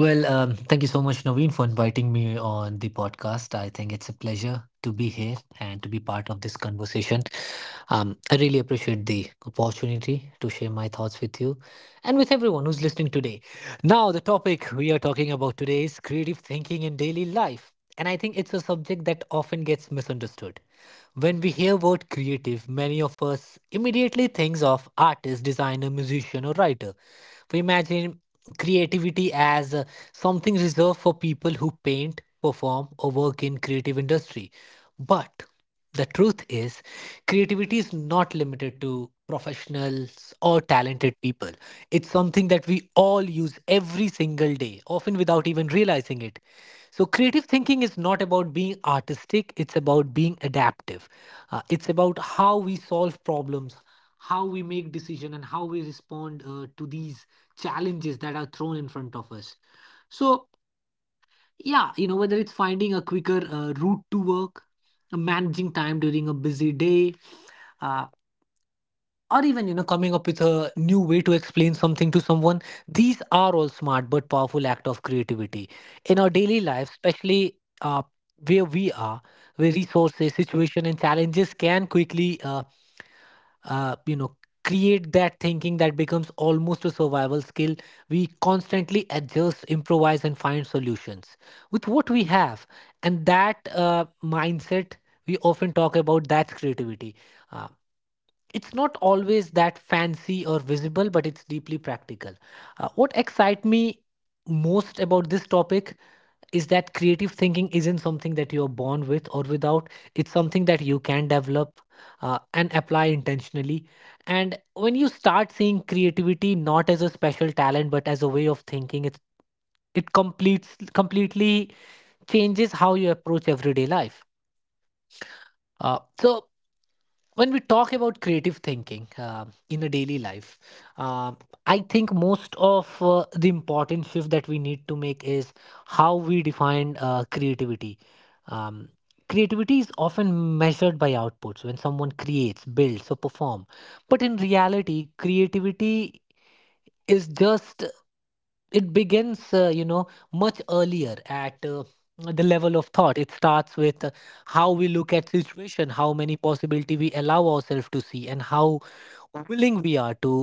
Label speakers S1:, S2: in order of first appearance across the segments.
S1: Thank you so much, Naveen, for inviting me on the podcast. I think it's a pleasure to be here and to be part of this conversation. I really appreciate the opportunity to share my thoughts with you and with everyone who's listening today. Now, the topic we are talking about today is creative thinking in daily life. And I think it's a subject that often gets misunderstood. When we hear word creative, many of us immediately think of artist, designer, musician, or writer. We imagine creativity as something reserved for people who paint, perform, or work in creative industry. But the truth is, creativity is not limited to professionals or talented people. It's something that we all use every single day, often without even realizing it. So, creative thinking is not about being artistic, it's about being adaptive. It's about how we solve problems, how we make decisions, and how we respond to these challenges that are thrown in front of us. So, yeah, whether it's finding a quicker route to work, managing time during a busy day, uh, or even coming up with a new way to explain something to someone, these are all smart but powerful act of creativity in our daily life, especially where we are, where resources situation and challenges can quickly uh, you know create that thinking that becomes almost a survival skill. We constantly adjust, improvise and find solutions with what we have, and that mindset we often talk about, that's creativity. Uh, it's not always that fancy or visible, but it's deeply practical. What excites me most about this topic is that creative thinking isn't something that you're born with or without. It's something that you can develop and apply intentionally. And when you start seeing creativity not as a special talent, but as a way of thinking, it's it completes completely changes how you approach everyday life. So when we talk about creative thinking in a daily life, uh, I think most of the important shift that we need to make is how we define creativity. Um, Creativity is often measured by outputs when someone creates, builds, or performs. But in reality, creativity is just it begins much earlier at the level of thought. It starts with how we look at situation, how many possibility we allow ourselves to see, and how willing we are to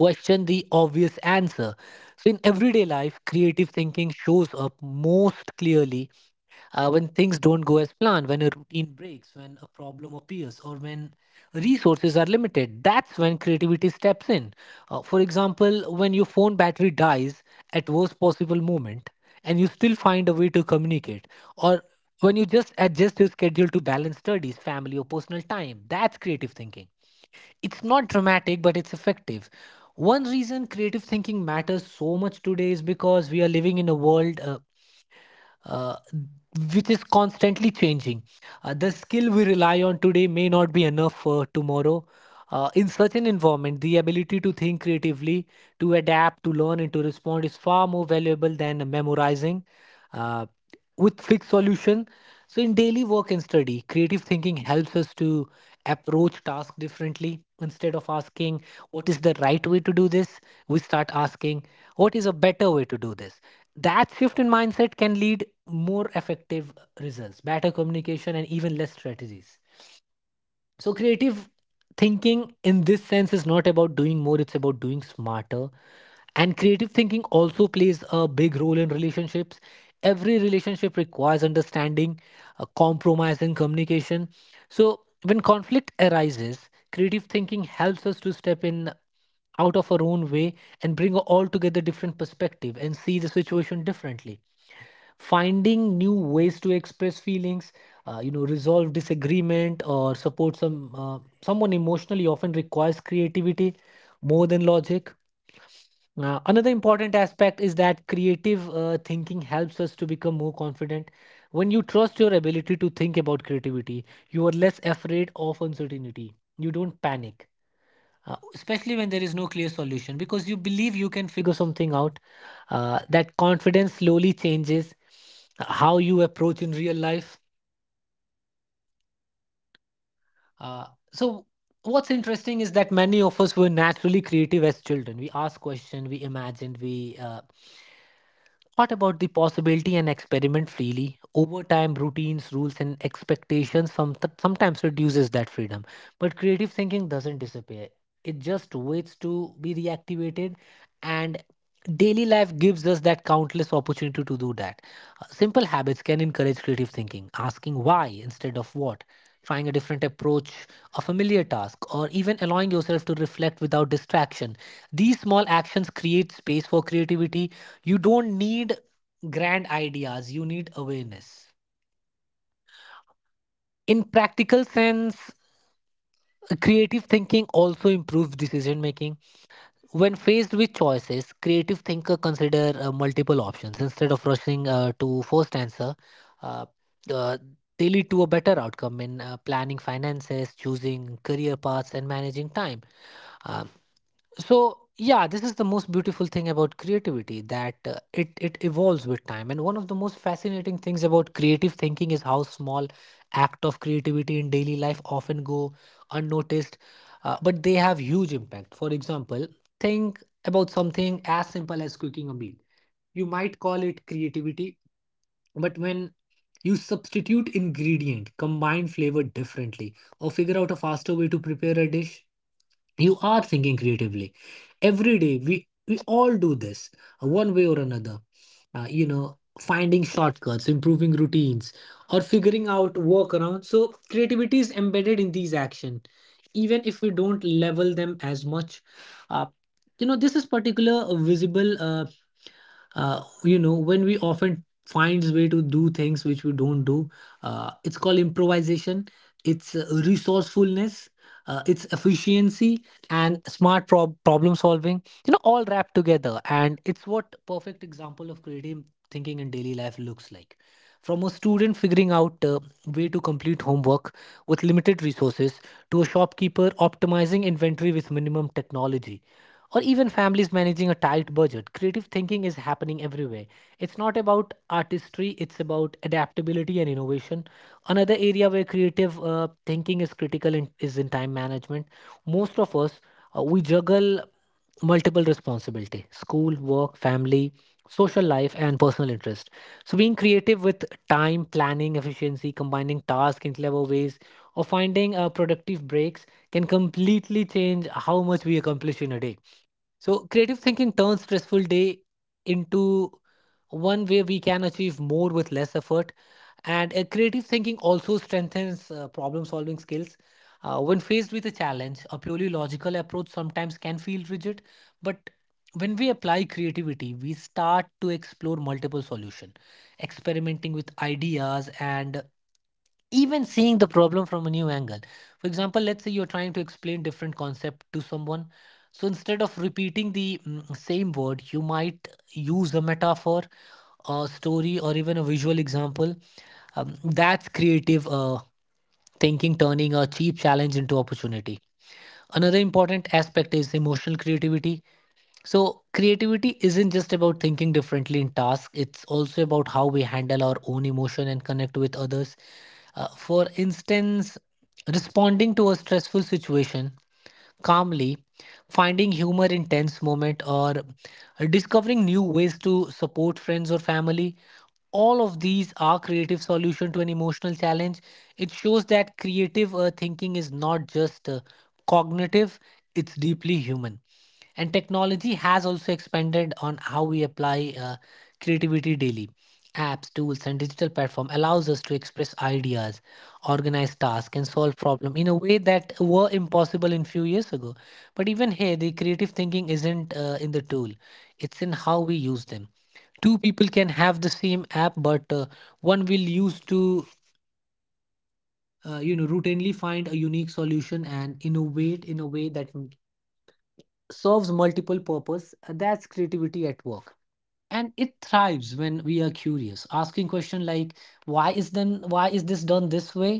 S1: question the obvious answer. So in everyday life creative thinking shows up most clearly when things don't go as planned, when a routine breaks, when a problem appears, or when resources are limited. That's when creativity steps in. For example, when your phone battery dies at worst possible moment and you still find a way to communicate, or when you just adjust your schedule to balance studies, family, or personal time. That's creative thinking. It's not dramatic but it's effective. One reason creative thinking matters so much today is because we are living in a world uh, which is constantly changing. The skill we rely on today may not be enough for tomorrow. In such an environment, the ability to think creatively, to adapt, to learn, and to respond is far more valuable than memorizing uh, with fixed solution. So, in daily work and study, creative thinking helps us to approach tasks differently. Instead of asking what is the right way to do this, we start asking what is a better way to do this. That shift in mindset can lead more effective results, better communication, and even less strategies. So, creative thinking in this sense is not about doing more, it's about doing smarter. And creative thinking also plays a big role in relationships. Every relationship requires understanding, compromise, and communication. So, when conflict arises, creative thinking helps us to step in out of our own way and bring a altogether different perspective and see the situation differently, finding new ways to express feelings, resolve disagreement or support someone emotionally often requires creativity more than logic. Another important aspect is that creative thinking helps us to become more confident. When you trust your ability to think about creativity, you are less afraid of uncertainty. You don't panic, especially when there is no clear solution, because you believe you can figure something out. That confidence slowly changes how you approach in real life. Uh, so what's interesting is that many of us were naturally creative as children. We asked questions, we imagined, we thought about the possibility and experiment freely. Over time routines, rules and expectations sometimes reduces that freedom, but creative thinking doesn't disappear. It just waits to be reactivated, and daily life gives us that countless opportunity to do that. Simple habits can encourage creative thinking: asking why instead of what, trying a different approach, a familiar task, or even allowing yourself to reflect without distraction. These small actions create space for creativity. You don't need grand ideas, you need awareness. In practical sense, creative thinking also improves decision making. When faced with choices, creative thinker consider multiple options instead of rushing to first answer. Uh, uh, they lead to a better outcome in planning finances, choosing career paths, and managing time. Uh, so yeah, this is the most beautiful thing about creativity, that it evolves with time. And one of the most fascinating things about creative thinking is how small act of creativity in daily life often go unnoticed, but they have huge impact. For example, think about something as simple as cooking a meal. You might call it creativity, but when you substitute ingredient, combine flavor differently, or figure out a faster way to prepare a dish, you are thinking creatively. Every day we all do this, one way or another, finding shortcuts, improving routines, or figuring out workarounds. So creativity is embedded in these action even if we don't level them as much. uh, this is particular visible when we often finds way to do things which we don't do. It's called improvisation. It's resourcefulness. It's efficiency and smart problem solving, you know, all wrapped together, and it's what perfect example of creative thinking in daily life looks like. From a student figuring out way to complete homework with limited resources, to a shopkeeper optimizing inventory with minimum technology, or even families managing a tight budget. Creative thinking is happening everywhere. It's not about artistry, it's about adaptability and innovation. Another area where creative thinking is critical in, is in time management. Most of us, we juggle multiple responsibility, school, work, family, social life and personal interest. So being creative with time, planning efficiency, combining tasks in clever ways, or finding productive breaks can completely change how much we accomplish in a day. So creative thinking turns stressful day into one where we can achieve more with less effort. And creative thinking also strengthens problem solving skills. When faced with a challenge, a purely logical approach sometimes can feel rigid, but when we apply creativity, we start to explore multiple solutions, experimenting with ideas, and even seeing the problem from a new angle. For example, let's say you're trying to explain different concept to someone. So instead of repeating the same word, you might use a metaphor, a story, or even a visual example. That's creative. Thinking turning a cheap challenge into opportunity. Another important aspect is emotional creativity. So, creativity isn't just about thinking differently in tasks, it's also about how we handle our own emotion and connect with others. For instance, responding to a stressful situation calmly, finding humor in tense moment, or discovering new ways to support friends or family. All of these are creative solution to an emotional challenge. It shows that creative thinking is not just cognitive, it's deeply human. And technology has also expanded on how we apply creativity daily. Apps, tools and digital platform allows us to express ideas, organize tasks and solve problem in a way that were impossible in few years ago. But even here the creative thinking isn't in the tool, it's in how we use them. Two people can have the same app, but one will use to routinely find a unique solution and innovate in a way that serves multiple purpose. That's creativity at work, and it thrives when we are curious, asking question like why is this done this way?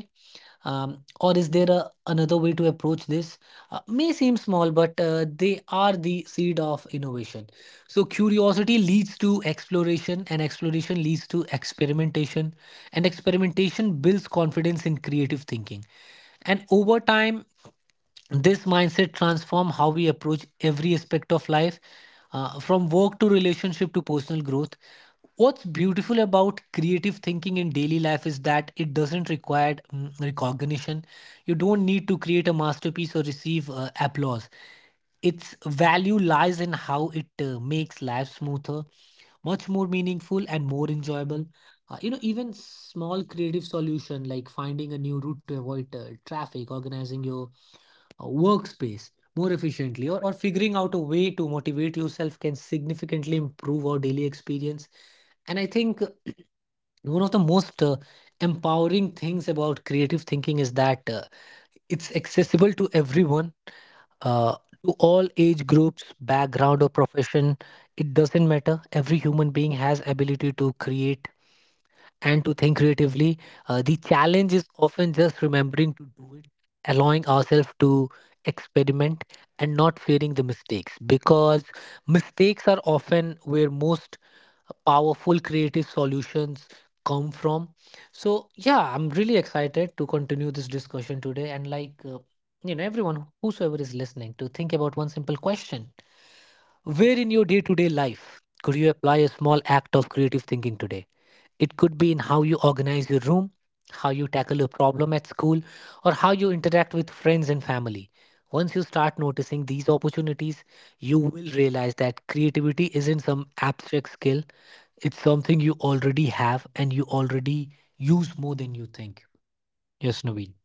S1: Or is there a, another way to approach this? May seem small, but they are the seed of innovation. So curiosity leads to exploration, and exploration leads to experimentation, and experimentation builds confidence in creative thinking. And over time, this mindset transform how we approach every aspect of life, from work to relationship to personal growth. What's beautiful about creative thinking in daily life is that it doesn't require recognition. You don't need to create a masterpiece or receive applause. Its value lies in how it makes life smoother, much more meaningful and more enjoyable. You know, even small creative solution like finding a new route to avoid traffic, organizing your workspace more efficiently, or figuring out a way to motivate yourself can significantly improve our daily experience. And I think one of the most empowering things about creative thinking is that it's accessible to everyone, uh, to all age groups, background or profession. It doesn't matter, every human being has ability to create and to think creatively. The challenge is often just remembering to do it, allowing ourselves to experiment and not fearing the mistakes, because mistakes are often where most powerful creative solutions come from. So, yeah, I'm really excited to continue this discussion today and like, everyone, whosoever is listening, to think about one simple question. Where in your day to day life could you apply a small act of creative thinking today? It could be in how you organize your room, how you tackle a problem at school, or how you interact with friends and family. Once you start noticing these opportunities, you will realize that creativity isn't some abstract skill, it's something you already have and you already use more than you think. Yes, Naveen.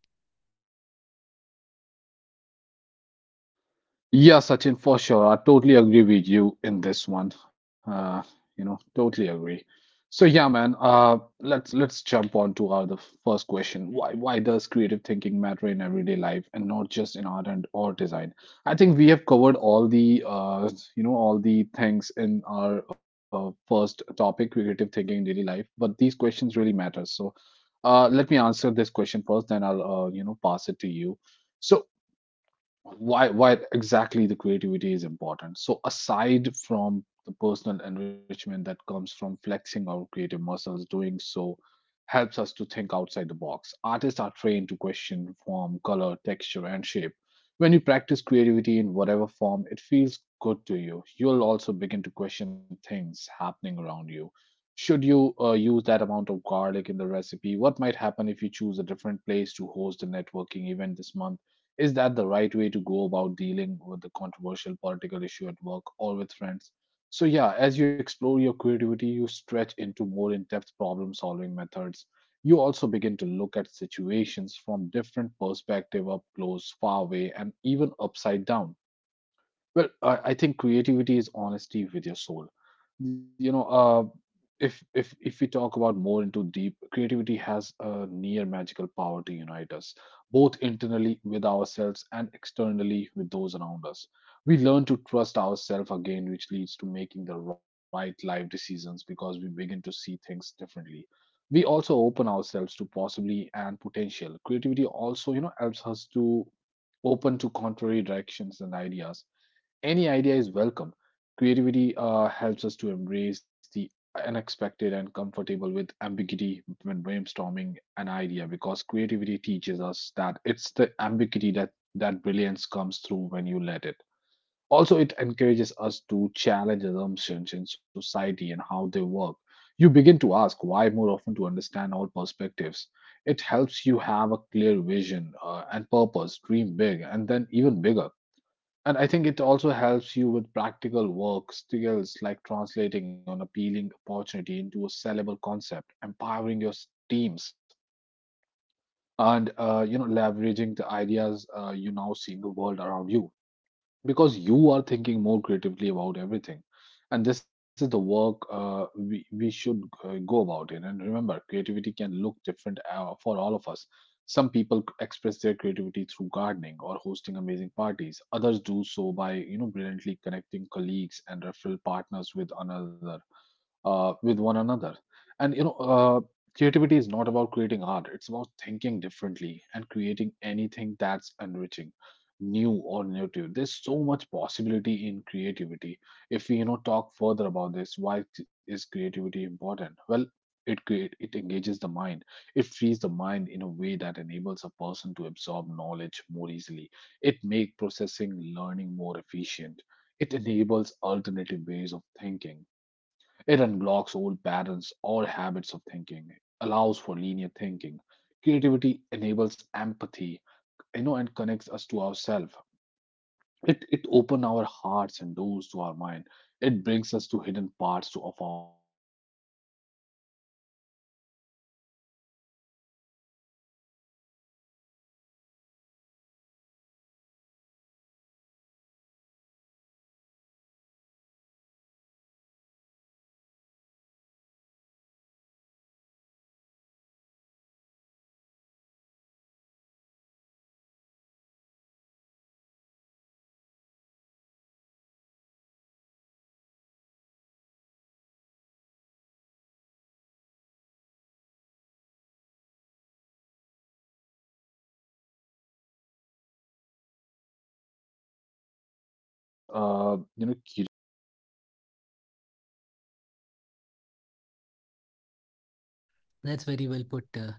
S1: That's very well put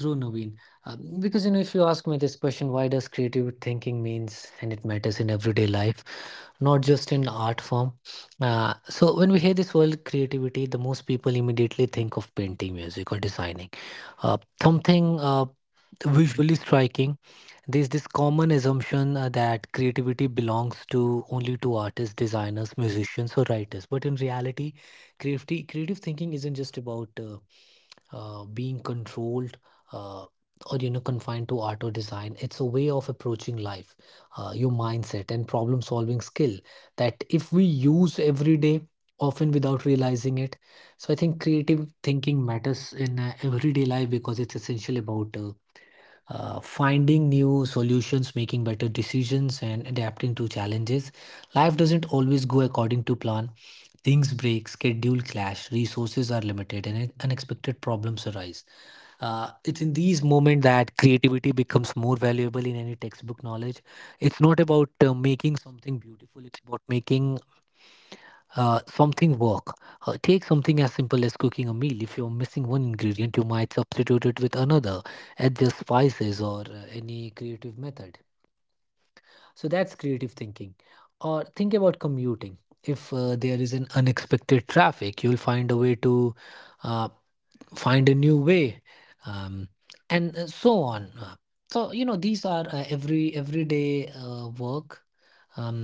S1: through, Naveen. Because you know, if you ask me this question, why does creative thinking means and it matters in everyday life? Not just in art form. So when we hear this word creativity, the most people immediately think of painting, music, or designing something visually striking. There's this common assumption that creativity belongs to only to artists, designers, musicians, or writers. But in reality, creative thinking isn't just about being controlled uh, or you know confined to art or design. It's a way of approaching life, your mindset and problem solving skill that if we use every day, often without realizing it. So I think creative thinking matters in everyday life because it's essential about finding new solutions, making better decisions, and adapting to challenges. Life doesn't always go according to plan. Things break, schedule clash, resources are limited, and unexpected problems arise. It's in these moments that creativity becomes more valuable in any textbook knowledge. It's not about making something beautiful, it's about making something work. Take something as simple as cooking a meal. If you're missing one ingredient, you might substitute it with another, adjust spices, or any creative method. So that's creative thinking. Or think about commuting. If there is an unexpected traffic, you'll find a way to uh, find a new way, um, and so on. So you know these are everyday work, um,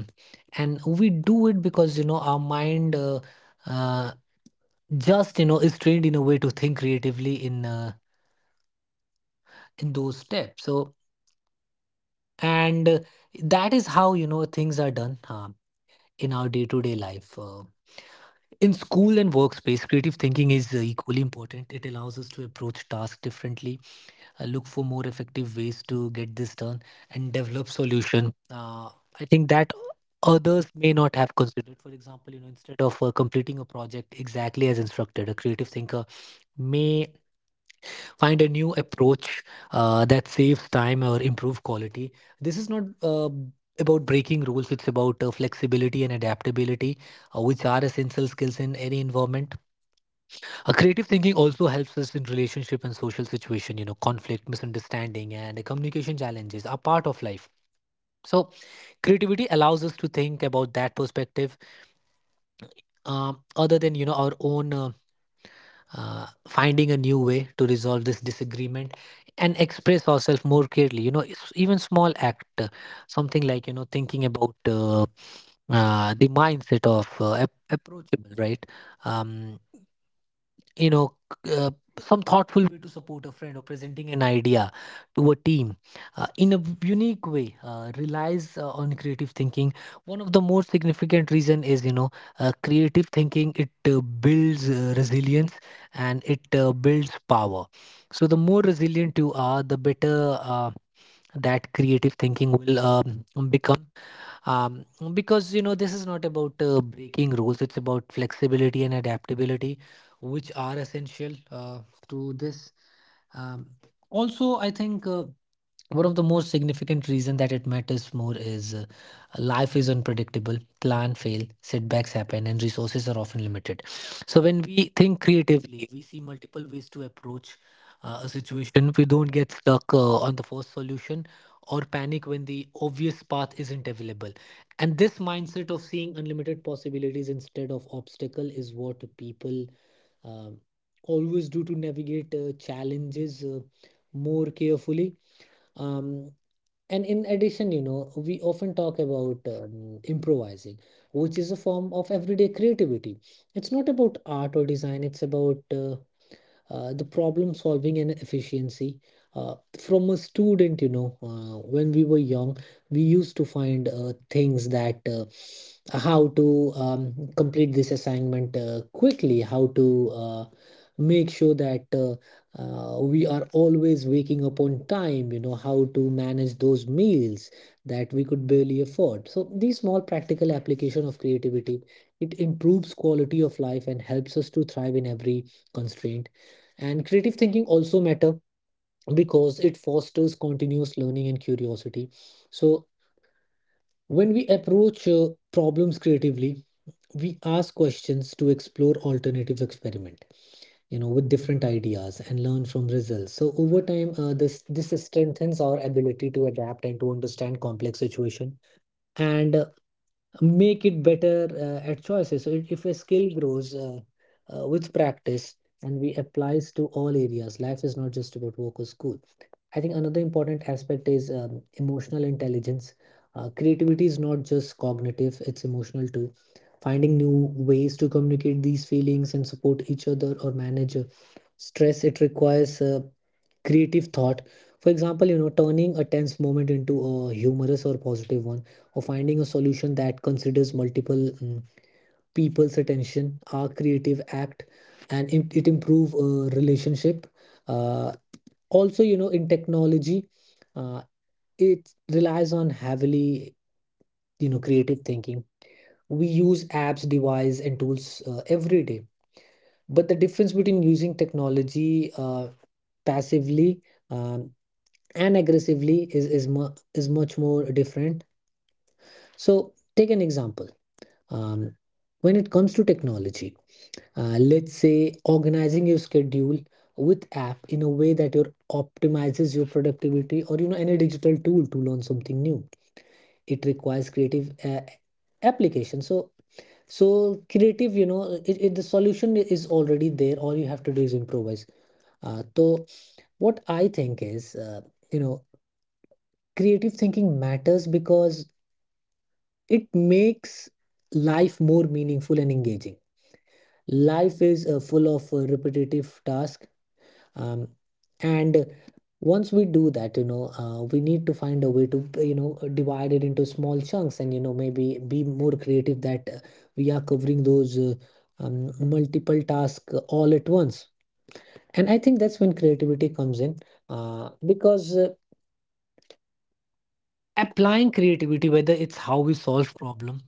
S1: and we do it because you know our mind uh, just you know is trained in a way to think creatively in those steps. So and uh, that is how you know things are done in our day-to-day life. In school and workspace, creative thinking is equally important. It allows us to approach tasks differently, look for more effective ways to get this done and develop solution I think that others may not have considered. For example, you know, instead of completing a project exactly as instructed, a creative thinker may find a new approach that saves time or improve quality. This is not about breaking rules, it's about flexibility and adaptability, which are essential skills in any environment. Creative thinking also helps us in relationship and social situation. You know, conflict, misunderstanding and communication challenges are part of life, so creativity allows us to think about that perspective other than you know our own, finding a new way to resolve this disagreement and express ourselves more clearly. You know, it's even small act, something like you know thinking about the mindset of approachable, right? um, you know uh, some thoughtful way to support a friend or presenting an idea to a team in a unique way relies on creative thinking. One of the most significant reason is, you know, creative thinking, it builds resilience and it builds power. So the more resilient you are, the better that creative thinking will become. Um, because you know, this is not about breaking rules, it's about flexibility and adaptability, which are essential to this. Um, also I think one of the most significant reason that it matters more is, life is unpredictable, plan fail, setbacks happen, and resources are often limited. So when we think creatively, we see multiple ways to approach a situation. We don't get stuck on the first solution or panic when the obvious path isn't available. And this mindset of seeing unlimited possibilities instead of obstacle is what people um, always do to navigate challenges more carefully. Um, and in addition, you know, we often talk about improvising, which is a form of everyday creativity. It's not about art or design, it's about the problem solving and efficiency. From a student, you know, when we were young, we used to find things that how to complete this assignment quickly, how to make sure that we are always waking up on time, you know, how to manage those meals that we could barely afford. So these small practical application of creativity, it improves quality of life and helps us to thrive in every constraint. And creative thinking also matter because it fosters continuous learning and curiosity. So when we approach problems creatively, we ask questions to explore alternative experiment, you know, with different ideas and learn from results. So over time, this strengthens our ability to adapt and to understand complex situation. And make it better at choices. So if a skill grows with practice and we applies to all areas, life is not just about work or school. I think another important aspect is emotional intelligence. Creativity is not just cognitive, it's emotional too. Finding new ways to communicate these feelings and support each other or manage stress, it requires creative thought. For example, you know, turning a tense moment into a humorous or positive one, or finding a solution that considers multiple people's attention are creative act, and it improve relationship. Uh, also you know, in technology, uh, it relies on heavily, you know, creative thinking. We use apps, device and tools every day, but the difference between using technology passively um, and aggressively is much more different. So take an example, um, when it comes to technology, let's say organizing your schedule with app in a way that your optimizes your productivity, or you know any digital tool to learn something new, it requires creative application. So creative, you know, the solution is already there, all you have to do is improvise. So what I think is, you know, creative thinking matters because it makes life more meaningful and engaging. Life is full of repetitive tasks, um, and once we do that, you know, we need to find a way to, you know, divide it into small chunks and you know maybe be more creative that we are covering those multiple tasks all at once. And I think that's when creativity comes in, because applying creativity, whether it's how we solve problems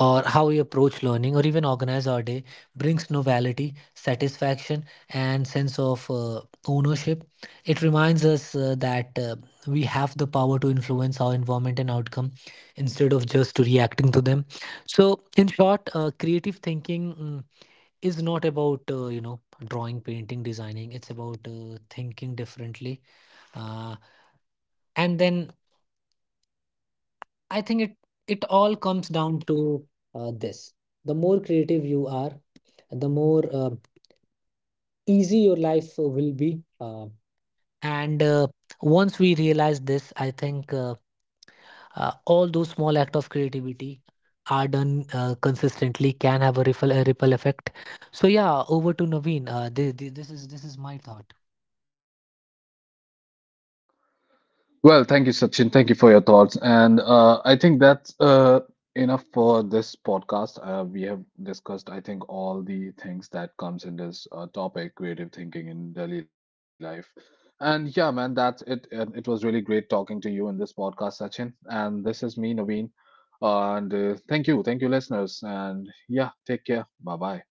S1: or how we approach learning or even organize our day, brings novelty, satisfaction, and sense of ownership. It reminds us that we have the power to influence our environment and outcome instead of just reacting to them. So, in short, creative thinking is not about you know drawing, painting, designing. It's about thinking differently, uh, and then I think it it all comes down to this: the more creative you are, the more easy your life will be. And Once we realize this, I think all those small acts of creativity are done consistently can have a ripple effect. So yeah, over to Naveen. This is my thought.
S2: Well, thank you, Sachin. Thank you for your thoughts. And I think that's enough for this podcast. We have discussed, I think, all the things that comes in this topic, creative thinking in daily life. And yeah, man, that's it. And it was really great talking to you in this podcast, Sachin. And this is me, Naveen. And Thank you. Thank you, listeners. And yeah, take care. Bye bye.